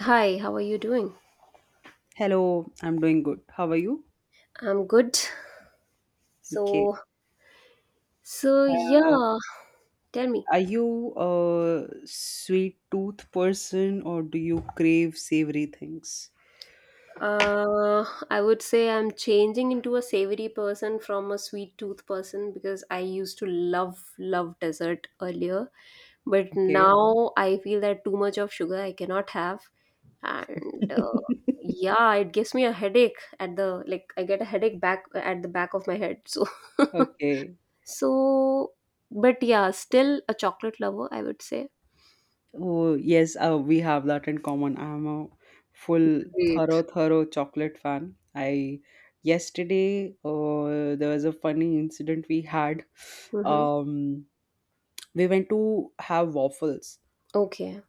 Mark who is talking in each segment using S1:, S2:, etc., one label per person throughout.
S1: Hi, how are you doing?
S2: Hello, I'm doing good. How are you?
S1: I'm good.
S2: Okay.
S1: So, so yeah, tell me.
S2: Are you a sweet tooth person or do you crave savory things?
S1: Uh, I would say I'm changing into a savory person from a sweet tooth person because I used to love, love dessert earlier, but
S2: Okay.
S1: now I feel that too much of sugar I cannot have, and yeah, it gives me a headache at the like I get a headache back at the back of my head. So,
S2: Okay.
S1: so, but yeah, still a chocolate lover, I would say.
S2: Oh, yes, we have that in common. I'm a full,
S1: Great.
S2: thorough chocolate fan. I yesterday there was a funny incident we had.
S1: Mhm.
S2: Um, we went to have waffles.
S1: Okay.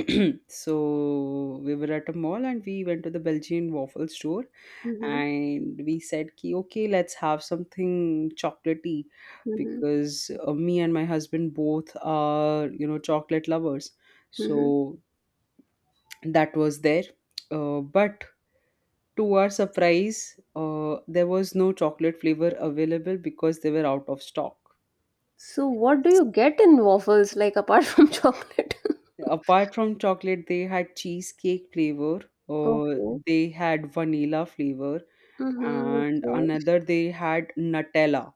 S2: So we were at a mall and we went to the Belgian waffle store,
S1: Mhm,
S2: and we said ki okay, let's have something chocolatey
S1: mhm,
S2: because me and my husband both are, you know, chocolate lovers,
S1: mhm.
S2: so that was there. But to our surprise, there was no chocolate flavor available because they were out of stock.
S1: So, what do you get in waffles, like apart from chocolate?
S2: Apart from chocolate, they had cheesecake flavor, uh,
S1: Okay.
S2: they had vanilla flavor,
S1: Mm-hmm,
S2: and
S1: okay,
S2: another they had nutella.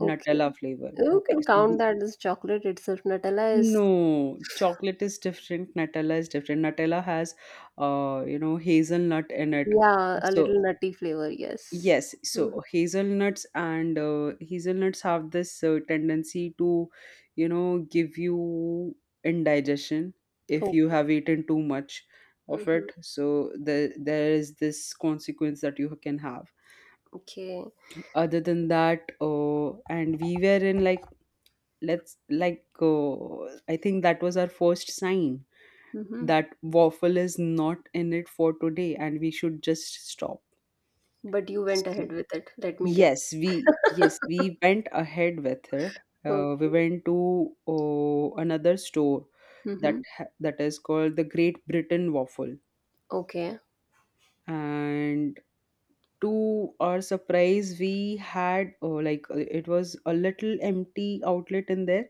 S1: okay.
S2: Nutella flavor,
S1: You
S2: okay.
S1: can
S2: So
S1: count that as chocolate itself. Nutella is,
S2: no, chocolate is different. Nutella has, you know, hazelnut in it.
S1: yeah, a
S2: So
S1: little nutty flavor, yes.
S2: yes,
S1: Mm-hmm,
S2: so hazelnuts and hazelnuts have this tendency to, you know, give you indigestion if you
S1: okay.
S2: have eaten too much of
S1: Mm-hmm,
S2: it. So there is this consequence that you can have.
S1: okay.
S2: Other than that, and we were in like, let's like I think that was our first sign
S1: Mm-hmm.
S2: that waffle is not in it for today and we should just stop.
S1: But you went
S2: So
S1: ahead with it, let me guess.
S2: yes, we yes we went ahead with it. We
S1: Okay.
S2: went to another store
S1: Mm-hmm,
S2: that is called the Great Britain Waffle,
S1: okay.
S2: and to our surprise we had it was a little empty outlet in there.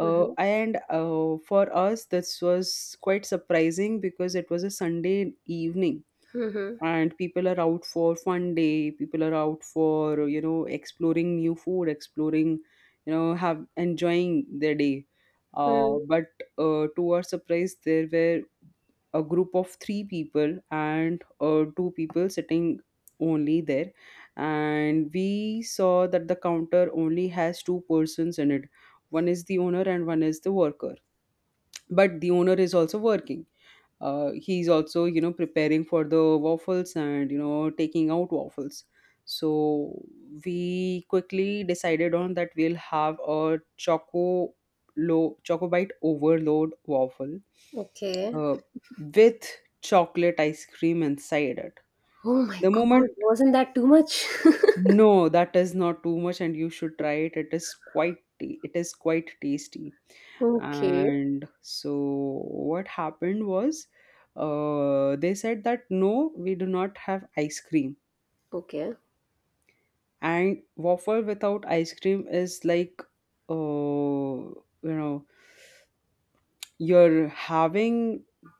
S1: Mm-hmm,
S2: And For us this was quite surprising because it was a sunday evening,
S1: mm-hmm,
S2: and people are out for fun day, people are out for, you know, exploring new food, exploring, you know, have enjoying their day.
S1: mm.
S2: But To our surprise there were a group of three people and two people sitting only there, and we saw that the counter only has two persons in it. One is the owner and one is the worker, but the owner is also working. He's also, you know, preparing for the waffles and, you know, taking out waffles. So we quickly decided on that we'll have a choco bite overload waffle
S1: Okay.
S2: uh, with chocolate ice cream inside it.
S1: Oh my
S2: The
S1: God,
S2: moment
S1: wasn't that too much?
S2: no, that is not too much, and you should try it. It is it is quite tasty.
S1: Okay,
S2: And so what happened was, they said that no, we do not have ice cream,
S1: okay.
S2: and waffle without ice cream is like, uh, you know, you're having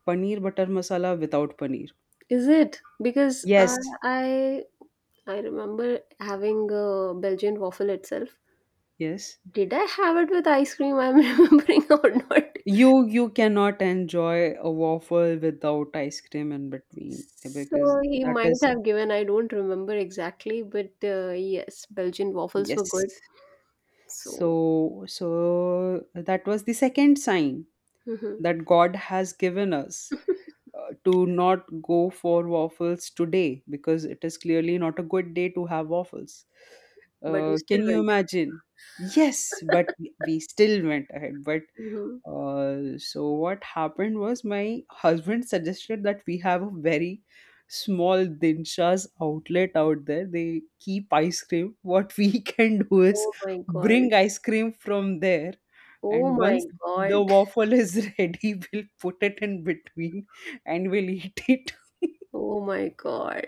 S2: paneer butter masala without paneer.
S1: Is it? Because
S2: Yes,
S1: I I remember having a Belgian waffle itself.
S2: yes.
S1: Did I have it with ice cream? I'm remembering or not.
S2: You cannot enjoy a waffle without ice cream in between eh, because
S1: So he
S2: that
S1: might
S2: is
S1: have given. I don't remember exactly, but yes, Belgian waffles were
S2: yes.
S1: good. So,
S2: So so that was the second sign
S1: mhm.
S2: that god has given us, to not go for waffles today because it is clearly not a good day to have waffles.
S1: But you still
S2: Can you
S1: went.
S2: imagine? Yes, but we still went ahead. But
S1: Hmm.
S2: So what happened was my husband suggested that we have a very small Dinsha's outlet out there. They keep ice cream. What we can do is
S1: Oh my God!
S2: bring ice cream from there.
S1: Oh
S2: And
S1: my
S2: once the
S1: God!
S2: waffle is ready, we'll put it in between and we'll eat it.
S1: Oh my God!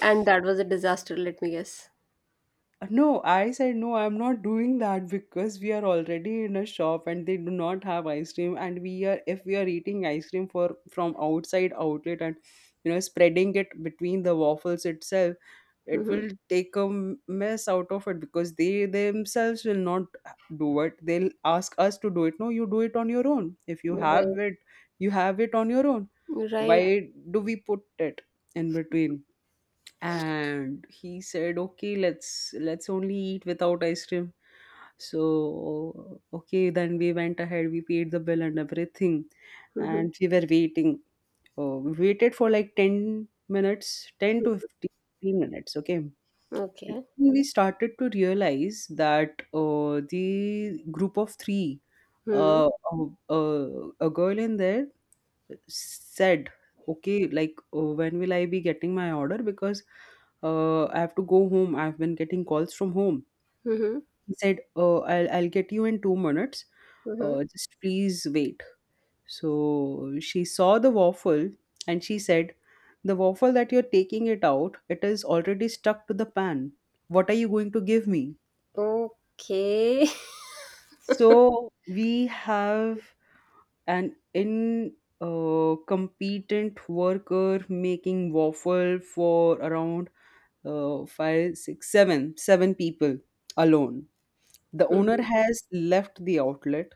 S1: And that was a disaster. Let me guess.
S2: No, I said no, I'm not doing that because we are already in a shop and they do not have ice cream, and we are if we are eating ice cream for from outside outlet and, you know, spreading it between the waffles itself, it
S1: Hmm.
S2: will take a mess out of it because they themselves will not do it. They'll ask us to do it. No, you do it on your own. If you have
S1: Right.
S2: it, you have it on your own.
S1: Right.
S2: Why do we put it in between? And he said okay, let's only eat without ice cream. So okay, then we went ahead, we paid the bill and everything,
S1: Hmm.
S2: and we were waiting. Oh, we waited for like 10 minutes, 10 to 15 minutes, okay. And
S1: Okay.
S2: then we started to realize that the group of three
S1: Hmm.
S2: uh, uh, a girl in there said, okay, like when will I be getting my order? Because I have to go home. I've been getting calls from home.
S1: Mhm.
S2: He said, I'll get you in 2 minutes.
S1: Mhm.
S2: Just please wait. So she saw the waffle and she said, the waffle that you're taking it out, it is already stuck to the pan. What are you going to give me?
S1: Okay.
S2: So we have an incompetent worker making waffle for around five, six, seven people alone. The owner
S1: Mhm.
S2: has left the outlet,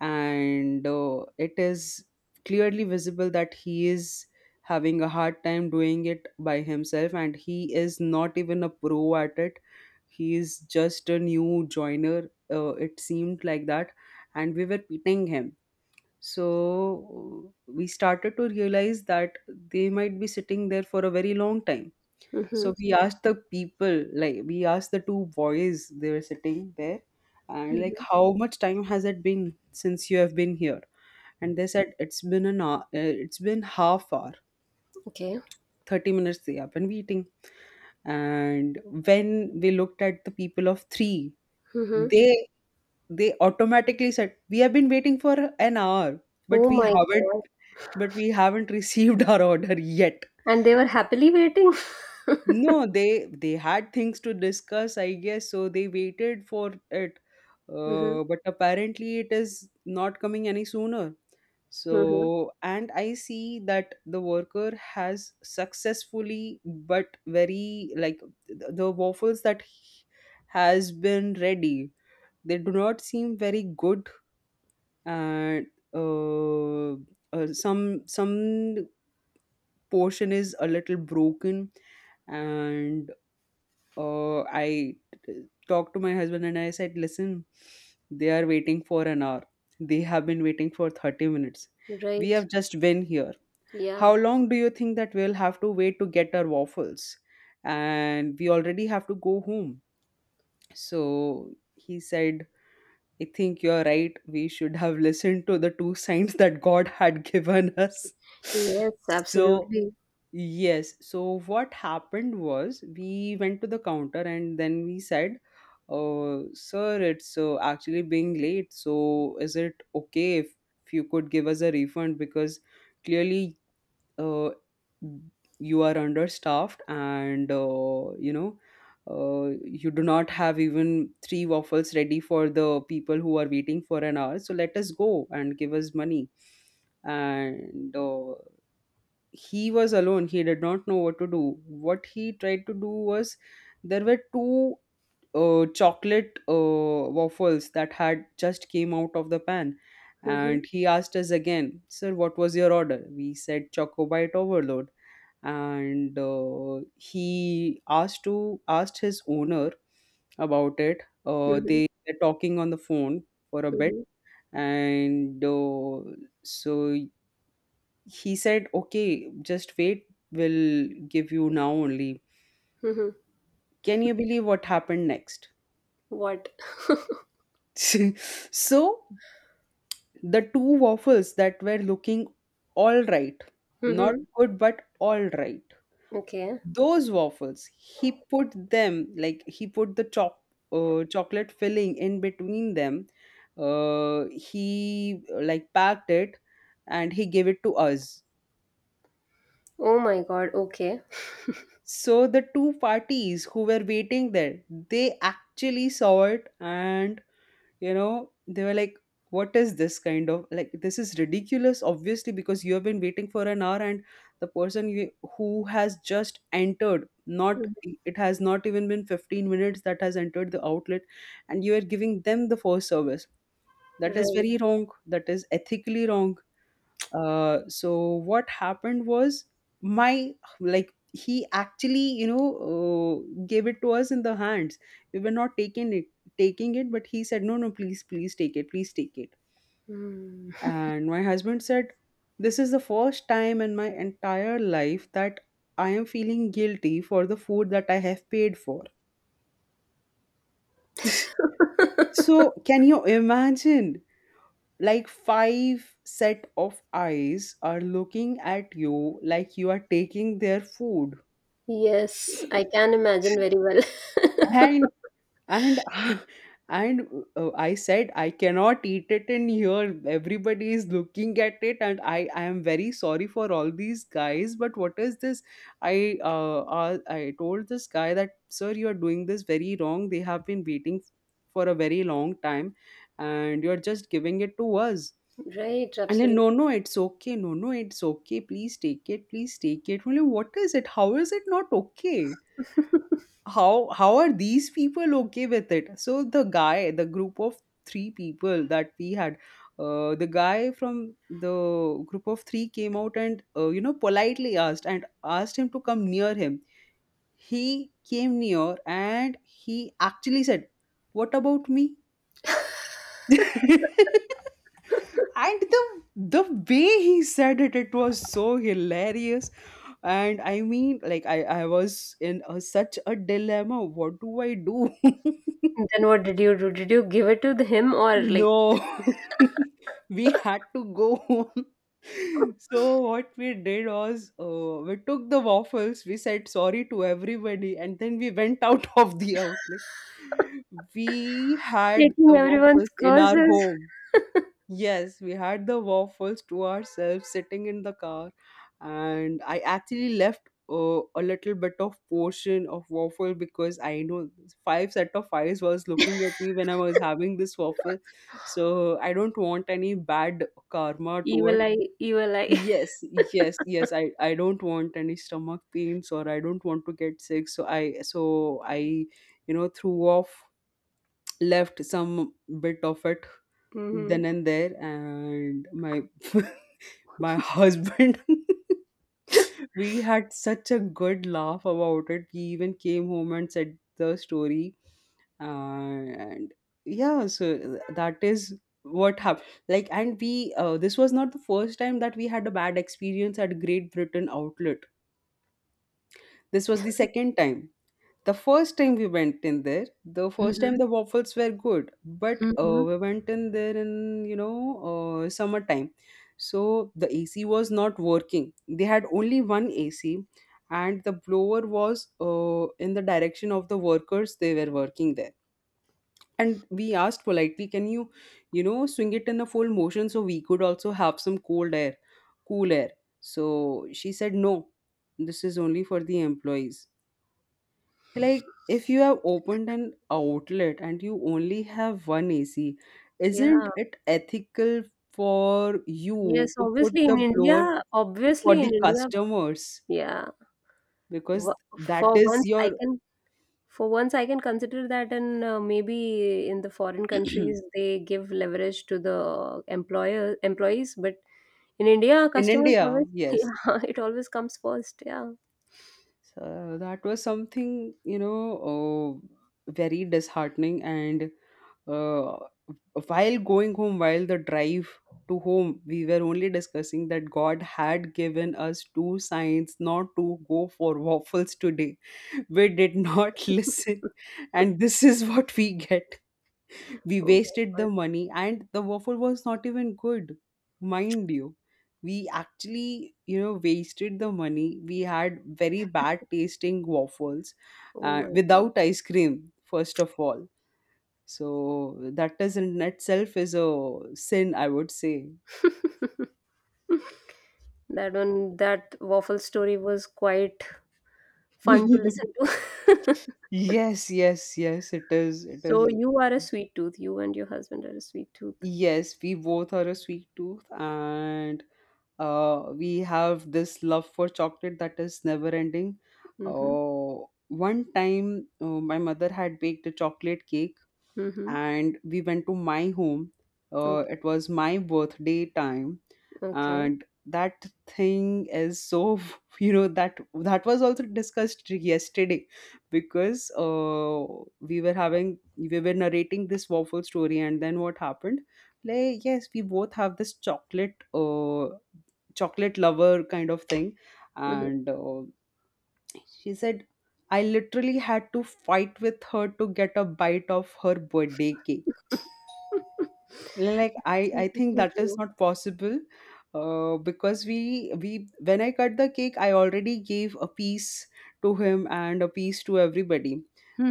S2: and it is clearly visible that he is having a hard time doing it by himself, and he is not even a pro at it. He is just a new joiner. It seemed like that, and we were pitting him. So we started to realize that they might be sitting there for a very long time.
S1: Mhm.
S2: So we asked the people, like, we asked the two boys, they were sitting there, and like,
S1: Mhm.
S2: how much time has it been since you have been here? And they said it's been an hour, it's been half hour,
S1: Okay.
S2: 30 minutes they have been waiting. And when we looked at the people of three,
S1: Mhm.
S2: they they automatically said we have been waiting for an hour, but
S1: Oh
S2: we
S1: my
S2: haven't
S1: God.
S2: but we haven't received our order yet.
S1: And they were happily waiting.
S2: No, they had things to discuss, I guess, so they waited for it.
S1: Mhm.
S2: But apparently it is not coming any sooner.
S1: Mhm.
S2: So, and I see that the worker has successfully, but very like, the waffles that he has been ready, they do not seem very good, and uh, some portion is a little broken, and I talked to my husband and I said, listen, they are waiting for an hour. They have been waiting for 30 minutes. We have
S1: Right.
S2: just been here.
S1: Yeah.
S2: How long do you think that we'll have to wait to get our waffles? And we already have to go home. So he said, I think you're right. We should have listened to the two signs that God had given us.
S1: Yes,
S2: So
S1: absolutely.
S2: yes. So what happened was we went to the counter and then we said, "Sir, it's actually being late. So is it okay if you could give us a refund because clearly uh, you are understaffed and you know you do not have even three waffles ready for the people who are waiting for an hour. So let us go and give us money." And he was alone, he did not know what to do. What he tried to do was there were two chocolate waffles that had just came out of the pan,
S1: Mhm.
S2: and he asked us again, sir, what was your order? We said chocobite overload. And he asked his owner about it.
S1: Mhm.
S2: They were talking on the phone for a bit,
S1: Mhm.
S2: and so he said, okay, just wait, we'll give you now only.
S1: Mhm.
S2: Can you believe what happened next?
S1: What?
S2: So the two waffles that were looking all right, not
S1: Mhm.
S2: good, but all right,
S1: Okay.
S2: those waffles, he put them like he put the chocolate filling in between them. He like packed it and he gave it to us.
S1: Oh my God. Okay.
S2: So the two parties who were waiting there, they actually saw it and, you know, they were like, what is this kind of like, this is ridiculous, obviously, because you have been waiting for an hour, and the person you, who has just entered, not,
S1: Mhm.
S2: it has not even been 15 minutes that has entered the outlet, and you are giving them the first service. That is
S1: Right.
S2: very wrong. That is ethically wrong. So what happened was my like he actually, you know, gave it to us in the hands. We were not taking it, but he said no, no, please, please take it, please take it.
S1: Mm.
S2: And my husband said this is the first time in my entire life that I am feeling guilty for the food that I have paid for. So can you imagine like five set of eyes are looking at you like you are taking their food,
S1: Yes, I can imagine very well.
S2: and and and I said I cannot eat it in here, everybody is looking at it, and I am very sorry for all these guys, but what is this? I I told this guy that sir, you are doing this very wrong. They have been waiting for a very long time, and you're just giving it to us.
S1: Right,
S2: And then,
S1: absolutely.
S2: no, no, it's okay. No, no, it's okay. Please take it. Please take it. Only what is it? How is it not okay? How are these people okay with it? So the guy, the group of three people that we had, the guy from the group of three came out and politely asked and asked him to come near him. He came near and he actually said, "What about me?" And the way he said it, it was so hilarious. And I was in such a dilemma, what do I do?
S1: Then what did you do? Did you give it to him or like
S2: No, we had to go home. So what we did was, we took the waffles, we said sorry to everybody, and then we went out of the outlet. We had
S1: taking
S2: the
S1: everyone's
S2: waffles in our
S1: curses?
S2: home. Yes, we had the waffles to ourselves sitting in the car, and I actually left a little bit of portion of waffle because I know five set of eyes was looking at me when I was having this waffle, so I don't want any bad karma to it.
S1: Evil eye, evil eye.
S2: Yes, yes, yes. I don't want any stomach pains or I don't want to get sick, so I threw off, left some bit of it then
S1: Hmm.
S2: and there. And my my husband, we had such a good laugh about it. He even came home and said the story. And yeah, so that is what happened, like. And we, this was not the first time that we had a bad experience at Great Britain outlet. This was the second time. The first time we went in there, the first time the waffles were good, but we went in there in, summertime. So the AC was not working. They had only one AC, and the blower was, in the direction of the workers, they were working there. And we asked politely, can you, you know, swing it in a full motion so we could also have some cold air, cool air? So she said, no, this is only for the employees. Like, if you have opened an outlet and you only have one AC,
S1: Yeah.
S2: isn't it ethical for you
S1: Yes.
S2: to put
S1: Obviously in
S2: the blower
S1: India.
S2: for
S1: Obviously
S2: the
S1: in India.
S2: customers?
S1: Yeah.
S2: Because
S1: Wha-
S2: that
S1: For
S2: is
S1: once, I
S2: your
S1: can. For once, I can consider that, and maybe in the foreign countries they give leverage to the employer employees, but in India,
S2: in
S1: customers
S2: India,
S1: always
S2: yes.
S1: yeah, it always comes first, yeah.
S2: So that was something, you know, very disheartening. And uh, while going home, while the drive to home, we were only discussing that God had given us two signs not to go for waffles today. We did not listen, and this is what we get. We
S1: Oh
S2: wasted
S1: my
S2: the
S1: God.
S2: money and the waffle was not even good, mind you. We actually, you know, wasted the money. We had very bad tasting waffles,
S1: Oh my God.
S2: without ice cream first of all. So that is in itself is a sin, I would say.
S1: That one, that waffle story was quite fun to listen to.
S2: Yes, yes, yes, it is, it is.
S1: So you are a sweet tooth. You and your husband are a sweet tooth.
S2: Yes, we both are a sweet tooth, and we have this love for chocolate that is never ending.
S1: Mm-hmm.
S2: One time, my mother had baked a chocolate cake,
S1: Mm-hmm.
S2: and we went to my home.
S1: Okay.
S2: It was my birthday time,
S1: Okay.
S2: and that thing is so you know, that was also discussed yesterday because we were narrating this waffle story and then what happened, like. Yes, we both have this chocolate, chocolate lover kind of thing.
S1: Mm-hmm.
S2: And she said I literally had to fight with her to get a bite of her birthday cake.
S1: That's
S2: Like, I think
S1: interesting
S2: that
S1: to
S2: is
S1: know.
S2: not possible. Because we when I cut the cake, I already gave a piece to him and a piece to everybody.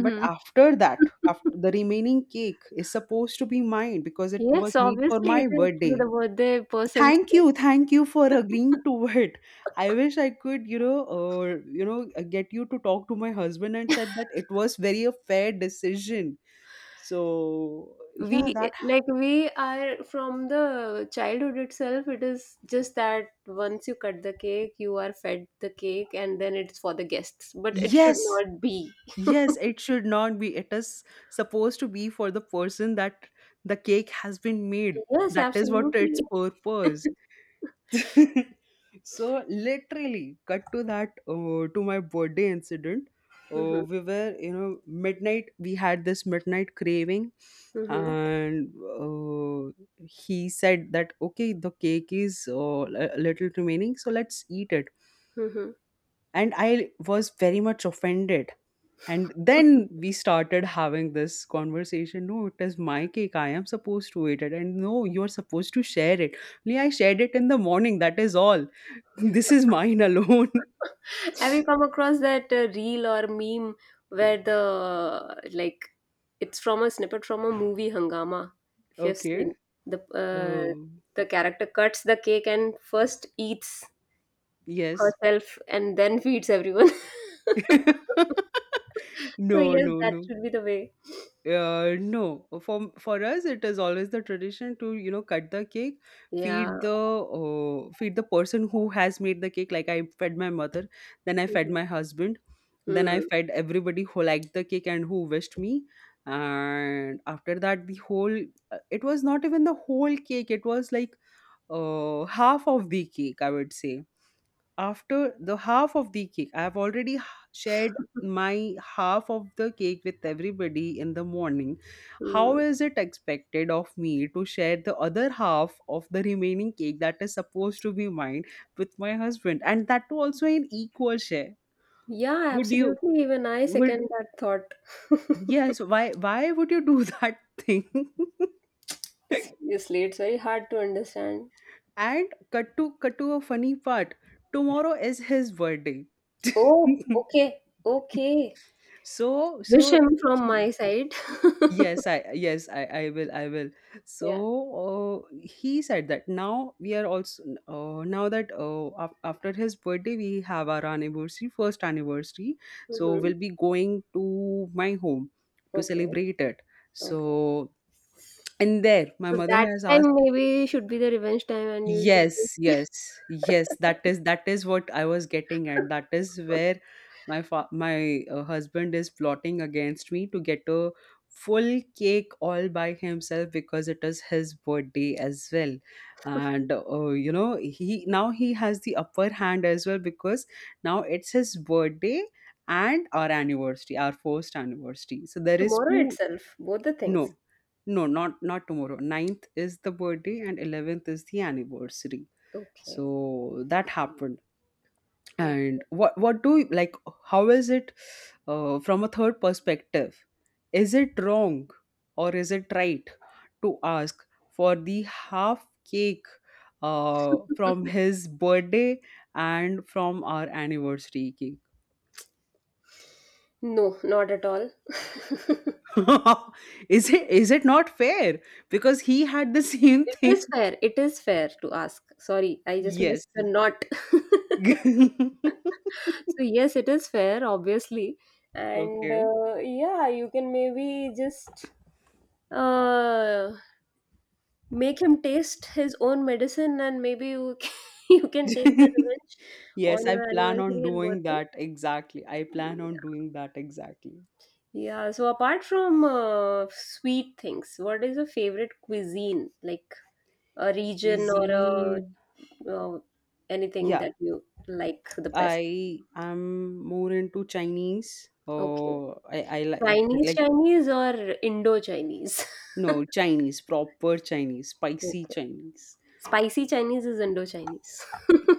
S2: But after that, after, the remaining cake is supposed to be mine because it
S1: Yes,
S2: was made for
S1: obviously
S2: my
S1: it has to be
S2: birthday.
S1: the birthday person's.
S2: Thank you for agreeing to it. I wish I could, get you to talk to my husband and said that it was very a fair decision. So
S1: we
S2: yeah, that
S1: Like we are from the childhood itself, it is just that once you cut the cake you are fed the cake and then it's for the guests, but it should
S2: yes,
S1: not be.
S2: yes, it should not be. It is supposed to be for the person that the cake has been made.
S1: Yes,
S2: That is what its
S1: absolutely.
S2: purpose. So literally cut to that, to my birthday incident.
S1: Hmm.
S2: We were, you know, midnight, we had this midnight craving.
S1: Hmm.
S2: And uh, he said that okay, the cake is, a little remaining, so let's eat it.
S1: Hmm.
S2: And I was very much offended. And then we started having this conversation, no, it is my cake, I am supposed to eat it, and no, you're supposed to share it. Only I shared it in the morning, that is all. This is mine alone.
S1: Have you come across that reel or meme where the like it's from a snippet from a movie Hangama? If you've
S2: Okay.
S1: seen the uh,
S2: Oh,
S1: the character cuts the cake and first eats
S2: yes.
S1: herself and then feeds everyone. So
S2: No,
S1: yes,
S2: no,
S1: that
S2: no.
S1: should be the way.
S2: No, for us it is always the tradition to, you know, cut the cake, feed
S1: Yeah.
S2: the, feed the person who has made the cake. Like I fed my mother, then I fed
S1: Mhm.
S2: my husband, then I
S1: Mm,
S2: fed everybody who liked the cake and who wished me. And after that, the whole, it was not even the whole cake; it was like half of the cake, I would say. After the half of the cake, I have already shared my half of the cake with everybody in the morning. How
S1: mm.
S2: is it expected of me to share the other half of the remaining cake that is supposed to be mine with my husband, and that too also in equal share?
S1: Yeah,
S2: would you
S1: absolutely. Even I
S2: would
S1: second that thought.
S2: Yes, why would you do that thing?
S1: Seriously, it's very hard to understand.
S2: And cut to, cut to a funny part, tomorrow is his birthday.
S1: Oh, okay. Okay.
S2: So,
S1: Wish
S2: so,
S1: him from my side.
S2: yes, I, yes, I will, I will.
S1: Yeah.
S2: So he said that now we are also, now that, after his birthday, we have our anniversary, first anniversary. So we'll
S1: Hmm.
S2: be going to my home to
S1: Okay.
S2: celebrate it.
S1: Okay.
S2: So, and there my
S1: So
S2: mother
S1: that
S2: has asked,
S1: time maybe should be the revenge time and you should
S2: yes,
S1: be.
S2: yes, yes. That is, that is what I was getting at. That is where my husband is plotting against me to get a full cake all by himself because it is his birthday as well. And he now, he has the upper hand as well, because now it's his birthday and our anniversary, our first anniversary. So there is
S1: Tomorrow
S2: two,
S1: itself, both the things.
S2: no. No, not, not tomorrow. Ninth is the birthday and 11th is the anniversary,
S1: Okay.
S2: so that happened.
S1: Oh.
S2: And what do you like, how is it, from a third perspective, is it wrong or is it right to ask for the half cake, from his birthday and from our anniversary cake?
S1: No, not at all.
S2: Is it, is it not fair because he had the same
S1: It is
S2: thing?
S1: fair. It is fair to ask. Sorry, I just
S2: Yes.
S1: missed the not. So, yes, it is fair, obviously. And
S2: Okay.
S1: yeah, you can maybe just uh, make him taste his own medicine, and maybe you can, you can take the revenge on
S2: Yes, I
S1: your
S2: plan on
S1: anniversary and
S2: doing
S1: birthday.
S2: that exactly. I plan on doing that exactly.
S1: Yeah, so apart from sweet things, what is your favorite cuisine? Like a region or a
S2: Cuisine.
S1: uh, anything
S2: Yeah,
S1: that you like the best?
S2: I am more into Chinese,
S1: Okay.
S2: or I like
S1: Chinese
S2: like
S1: Chinese or Indo-Chinese?
S2: no, Chinese, proper Chinese, spicy
S1: Okay.
S2: Chinese.
S1: Spicy Chinese is Indo-Chinese.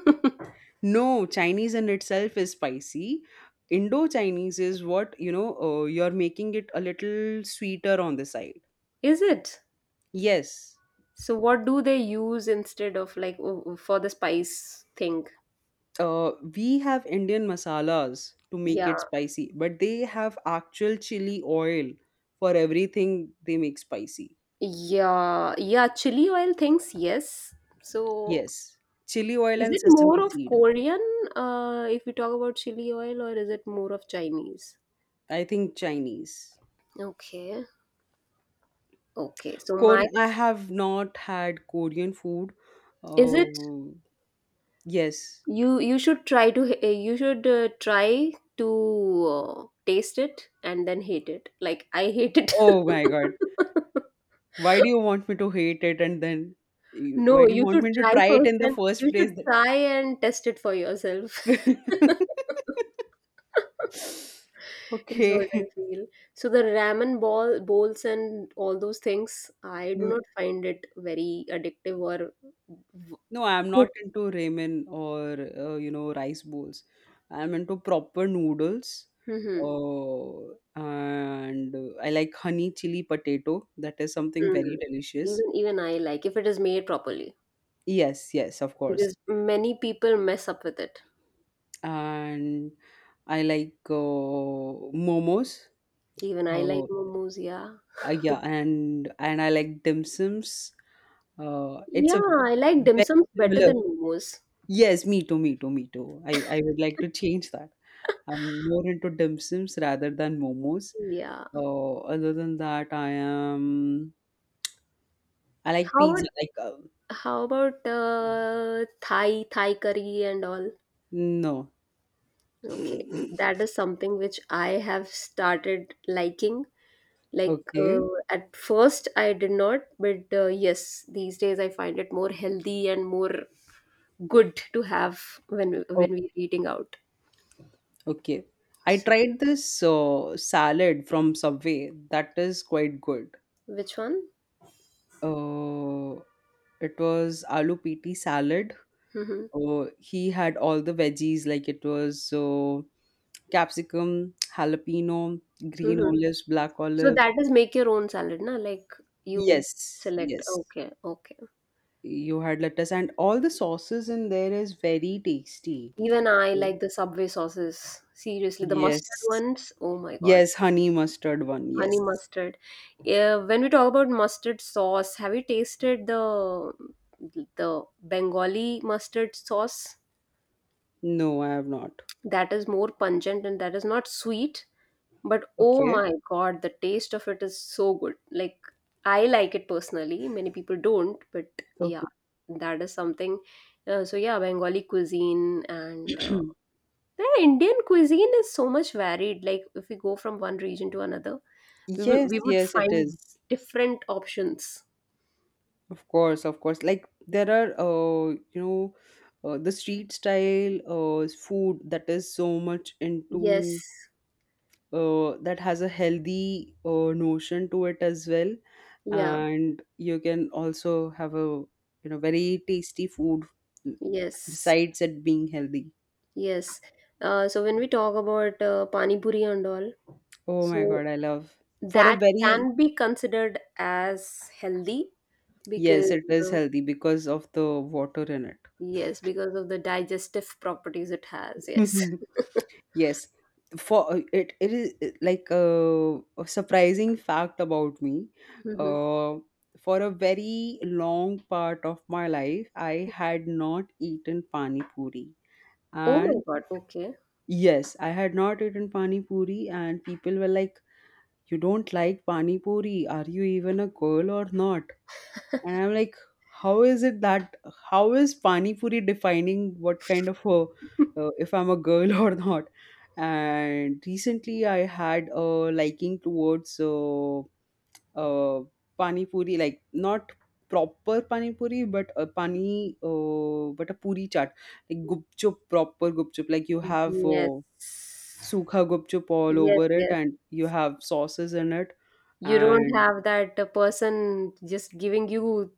S2: No, Chinese in itself is spicy. Indo Chinese is what you know. You're making it a little sweeter on the side.
S1: Is it?
S2: Yes,
S1: So what do they use instead of like for the spice thing?
S2: we have Indian masalas to make it
S1: Yeah.
S2: spicy, but they have actual chili oil for everything they make spicy.
S1: Yeah. Yeah, chili oil things, yes. So
S2: Yes, chili oil
S1: is
S2: and
S1: it
S2: sesame
S1: more of
S2: seed.
S1: Korean, if we talk about chili oil, or is it more of Chinese?
S2: I think Chinese.
S1: Okay, okay. So my
S2: Korean. I have not had Korean food.
S1: is it
S2: Oh yes.
S1: you you should try to you should try to taste it and then hate it. Like I hate it.
S2: Oh my God. Why do you want me to hate it, and then you- why
S1: No,
S2: do you
S1: you
S2: want
S1: should
S2: me to
S1: try
S2: try it
S1: first
S2: in the
S1: and
S2: first
S1: you should
S2: place?
S1: try and test it for yourself, is what I
S2: Okay.
S1: feel. So the ramen ball bowls and all those things, I do not find it very addictive or w-
S2: No, I'm not
S1: good.
S2: into ramen or, rice bowls. I'm into proper noodles.
S1: Mhm.
S2: And I like honey chili potato. That is something very
S1: Mm.
S2: delicious.
S1: Even even I like if it is made properly
S2: Yes, yes, of course.
S1: because many people mess up with it.
S2: And I like, momos.
S1: Even I like
S2: Uh,
S1: momos, yeah.
S2: yeah, and I like dim sums. It's
S1: Yeah,
S2: a
S1: I like dim
S2: very
S1: sums better
S2: similar.
S1: than momos.
S2: Yes, me too, me too, me too. I would like to change that. I'm more into dim sums rather than momos.
S1: Yeah.
S2: Other than that, I am. I like
S1: How
S2: pizza.
S1: about
S2: Like,
S1: how about Thai Thai curry and all?
S2: no.
S1: Okay. That is something which I have started liking. Like
S2: Okay.
S1: at first I did not, but yes, these days I find it more healthy and more good to have
S2: Oh,
S1: when we're eating out.
S2: okay. I
S1: So
S2: tried this, salad from Subway. That is quite good.
S1: which one?
S2: Uh, it was aloo piti salad.
S1: Mm-hmm.
S2: He had all the veggies, like it was, capsicum, jalapeno, green
S1: Mm-hmm.
S2: olives, black
S1: So
S2: olive.
S1: that is make your own salad, na? Like you
S2: Yes,
S1: select.
S2: yes.
S1: Okay, okay.
S2: You had lettuce, and all the sauces in there is very tasty.
S1: Even I
S2: Mm.
S1: like the Subway sauces. Seriously, the mustard
S2: Yes.
S1: ones. Oh my God,
S2: Yes, honey mustard one.
S1: honey
S2: Yes.
S1: mustard. Yeah, when we talk about mustard sauce, have you tasted the Bengali mustard sauce?
S2: No, I have not.
S1: That is more pungent and that is not sweet. But oh
S2: Okay.
S1: my God, the taste of it is so good. Like, I like it personally. Many people don't, but yeah,
S2: Okay.
S1: that is something. So, yeah, Bengali cuisine and the Indian cuisine is so much varied. Like, if we go from one region to another,
S2: Yes,
S1: we would
S2: yes, it
S1: find
S2: is.
S1: different options.
S2: Of course, of course. Like there are, the street style, food that is so much into,
S1: Yes.
S2: that has a healthy, notion to it as well,
S1: Yeah.
S2: and you can also have a, you know, very tasty food
S1: Yes.
S2: besides it being healthy.
S1: Yes. So when we talk about pani puri and all,
S2: Oh my
S1: so
S2: god, I love. For a
S1: that
S2: very
S1: can be considered as healthy
S2: yes,
S1: because
S2: it is
S1: uh,
S2: healthy because of the water in it.
S1: yes, because of the digestive properties it has, yes.
S2: Yes. For it, it is like a surprising fact about me.
S1: Mhm.
S2: Uh for a very long part of my life, I had not eaten pani puri.
S1: Oh my
S2: And
S1: God, okay.
S2: yes, I had not eaten pani puri and people were like, "You don't like pani puri. Are you even a girl or not?" And I'm like, how is it that, how is Pani Puri defining what kind of a, if I'm a girl or not? And recently I had a liking towards, uh, Pani Puri, like not proper Pani Puri, but a Pani, but a Puri chaat, like gupchup, proper gupchup, like you have,
S1: Yes,
S2: sukha gupchup all
S1: yes,
S2: over it
S1: yes.
S2: and you have sauces in it.
S1: You don't
S2: And
S1: have that person just giving you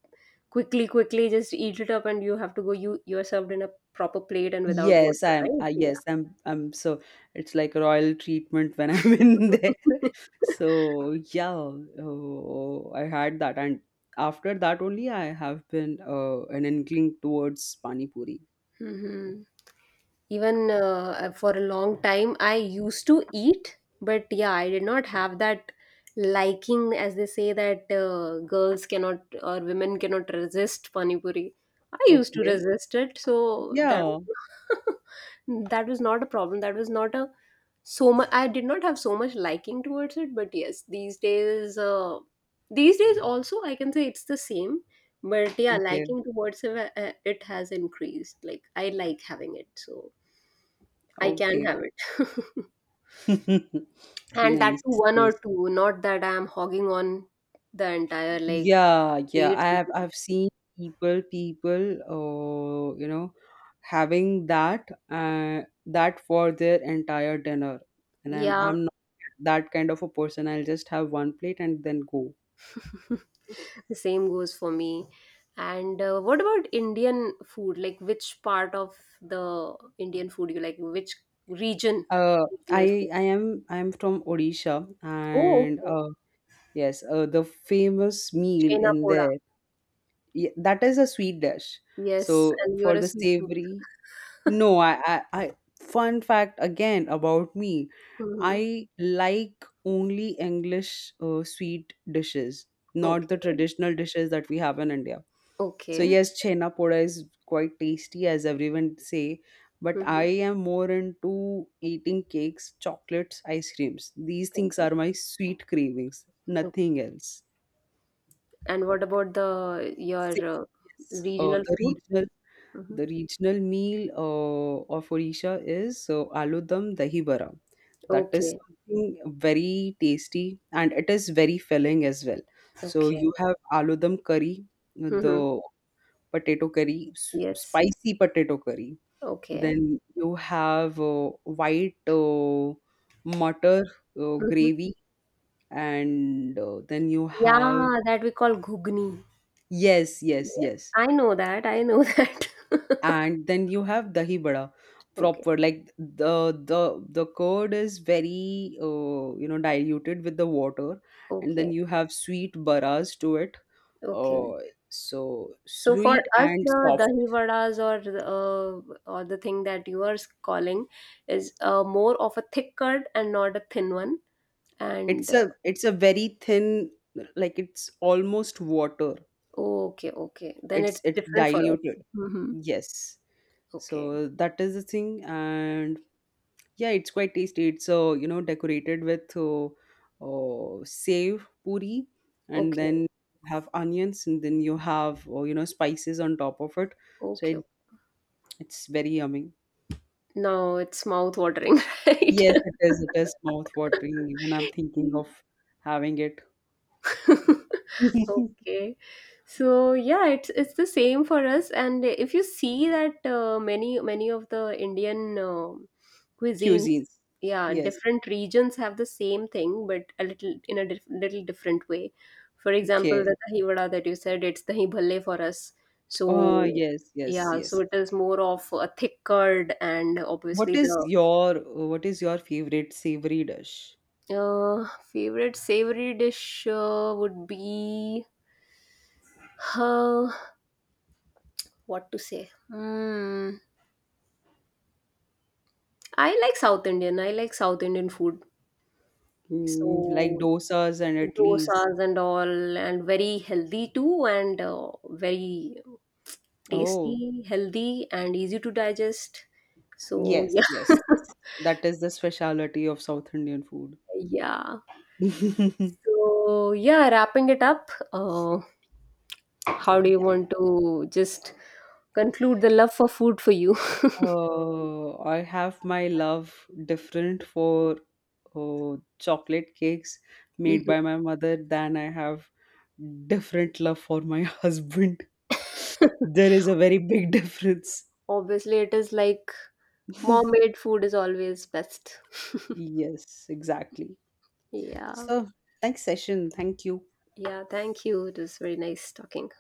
S1: quickly quickly just eat it up and you have to go. You you're served in a proper plate and without
S2: yes,
S1: water,
S2: I'm.
S1: right?
S2: Yes, I'm. So it's like royal treatment when I'm in there.
S1: Yeah.
S2: So yeah, oh, I had that, and after that only I have been, an inkling towards pani puri.
S1: Hmm. Even for a long time, I used to eat, but yeah, I did not have that liking, as they say that girls cannot or women cannot resist pani puri. I used to
S2: Okay.
S1: resist it, so that
S2: Yeah.
S1: was that was not a problem. That was not a so much. I did not have so much liking towards it, but yes, these days also, I can say it's the same. But yeah,
S2: Okay.
S1: liking towards it, it has increased. Like I like having it, so. I can
S2: Okay.
S1: have it. And that
S2: Nice.
S1: too one or
S2: Nice.
S1: two, not that I am hogging on the entire like
S2: Yeah, yeah.
S1: plates and
S2: I've
S1: plates.
S2: seen people, you know, having that, that for their entire dinner. And I'm
S1: Yeah.
S2: I'm not that kind of a person. I'll just have one plate and then go.
S1: The same goes for me. And what about Indian food? Like which part of the Indian food you like? Which region?
S2: Uh,
S1: Regional food.
S2: I am from Odisha,
S1: Oh,
S2: and
S1: okay.
S2: yes, the famous meal
S1: Chena
S2: in
S1: poda.
S2: there, yeah, that is a sweet dish.
S1: Yes,
S2: So
S1: and you are
S2: for
S1: a
S2: the
S1: sweet tooth.
S2: savory, no, I, fun fact again about me.
S1: Hmm.
S2: I like only English, sweet dishes, not the
S1: Okay.
S2: traditional dishes that we have in India. So
S1: Okay.
S2: yes, chhena poda is quite tasty, as everyone say, but I
S1: Hmm.
S2: am more into eating cakes, chocolates, ice creams. These things
S1: Okay.
S2: are my sweet cravings,
S1: Okay.
S2: nothing else.
S1: And what about the your
S2: Say yes,
S1: regional
S2: the
S1: food?
S2: regional,
S1: Mm-hmm.
S2: the regional meal, of Odisha is, aloo dum dahi bara. That is
S1: Okay,
S2: something very tasty and it is very filling as well. So
S1: okay.
S2: you have aloo dum curry,
S1: Mhm.
S2: the potato curry,
S1: Yes,
S2: spicy potato curry.
S1: okay.
S2: Then you have, white, mutton,
S1: Mhm.
S2: gravy, and then you have,
S1: Yeah, that we call ghugni.
S2: yes, yes,
S1: Yes,
S2: yes.
S1: I know that. I know that.
S2: And then you have dahi bada,
S1: Okay,
S2: proper, like the the curd is very, diluted with the water, and then
S1: okay,
S2: you have sweet baras to it. uh,
S1: okay.
S2: so
S1: So for
S2: sweet
S1: us,
S2: and
S1: the
S2: soft.
S1: dahi vadas or the thing that you are calling is more of a thick curd and not a thin one. And
S2: It's a, it's a very thin, like it's almost water,
S1: okay, okay. Then
S2: it's
S1: it's
S2: it's
S1: different for us.
S2: diluted,
S1: Hmm.
S2: yes.
S1: Okay,
S2: So that is the thing, and yeah, it's quite tasty. It's, decorated with, save puri, and
S1: okay,
S2: then you have onions, and then you have, spices on top of it. So it,
S1: okay.
S2: it's very yummy.
S1: Now it's mouth watering, right?
S2: Yes, it is. It is mouth watering. Even I'm thinking of having it.
S1: Okay. So yeah, it's the same for us. And if you see that many many of the Indian cuisines,
S2: Cuisines.
S1: yeah,
S2: Yes.
S1: different regions have the same thing, but a little in a little different way. For example,
S2: Okay.
S1: the dahi vada that you said, it's dahi bhalle for us.
S2: Oh,
S1: So
S2: yes, yes,
S1: yeah, so
S2: yes.
S1: it is more of a thick curd, and
S2: What
S1: obviously
S2: is
S1: the
S2: your, what is your favorite savory dish?
S1: uh, favorite savory dish would be. What to say? Mm, I like South Indian. I like South Indian food.
S2: Mm, like
S1: So
S2: dosas and idlis.
S1: dosas and all, and very healthy too, and very
S2: Oh,
S1: tasty, healthy, and easy to digest. So
S2: yes,
S1: yeah,
S2: yes. That is the specialty of South Indian food.
S1: yeah. So yeah, wrapping it up. How do you
S2: Yeah.
S1: want to just conclude the love for food for you?
S2: I have my love different for, chocolate cakes made
S1: Mhm.
S2: by my mother than I have different love for my husband. There is a very big difference.
S1: Obviously, it is like mom-made food is always best.
S2: Yes, exactly.
S1: Yeah.
S2: So, thanks, session. Thank you.
S1: Yeah. Thank you. It was very nice talking.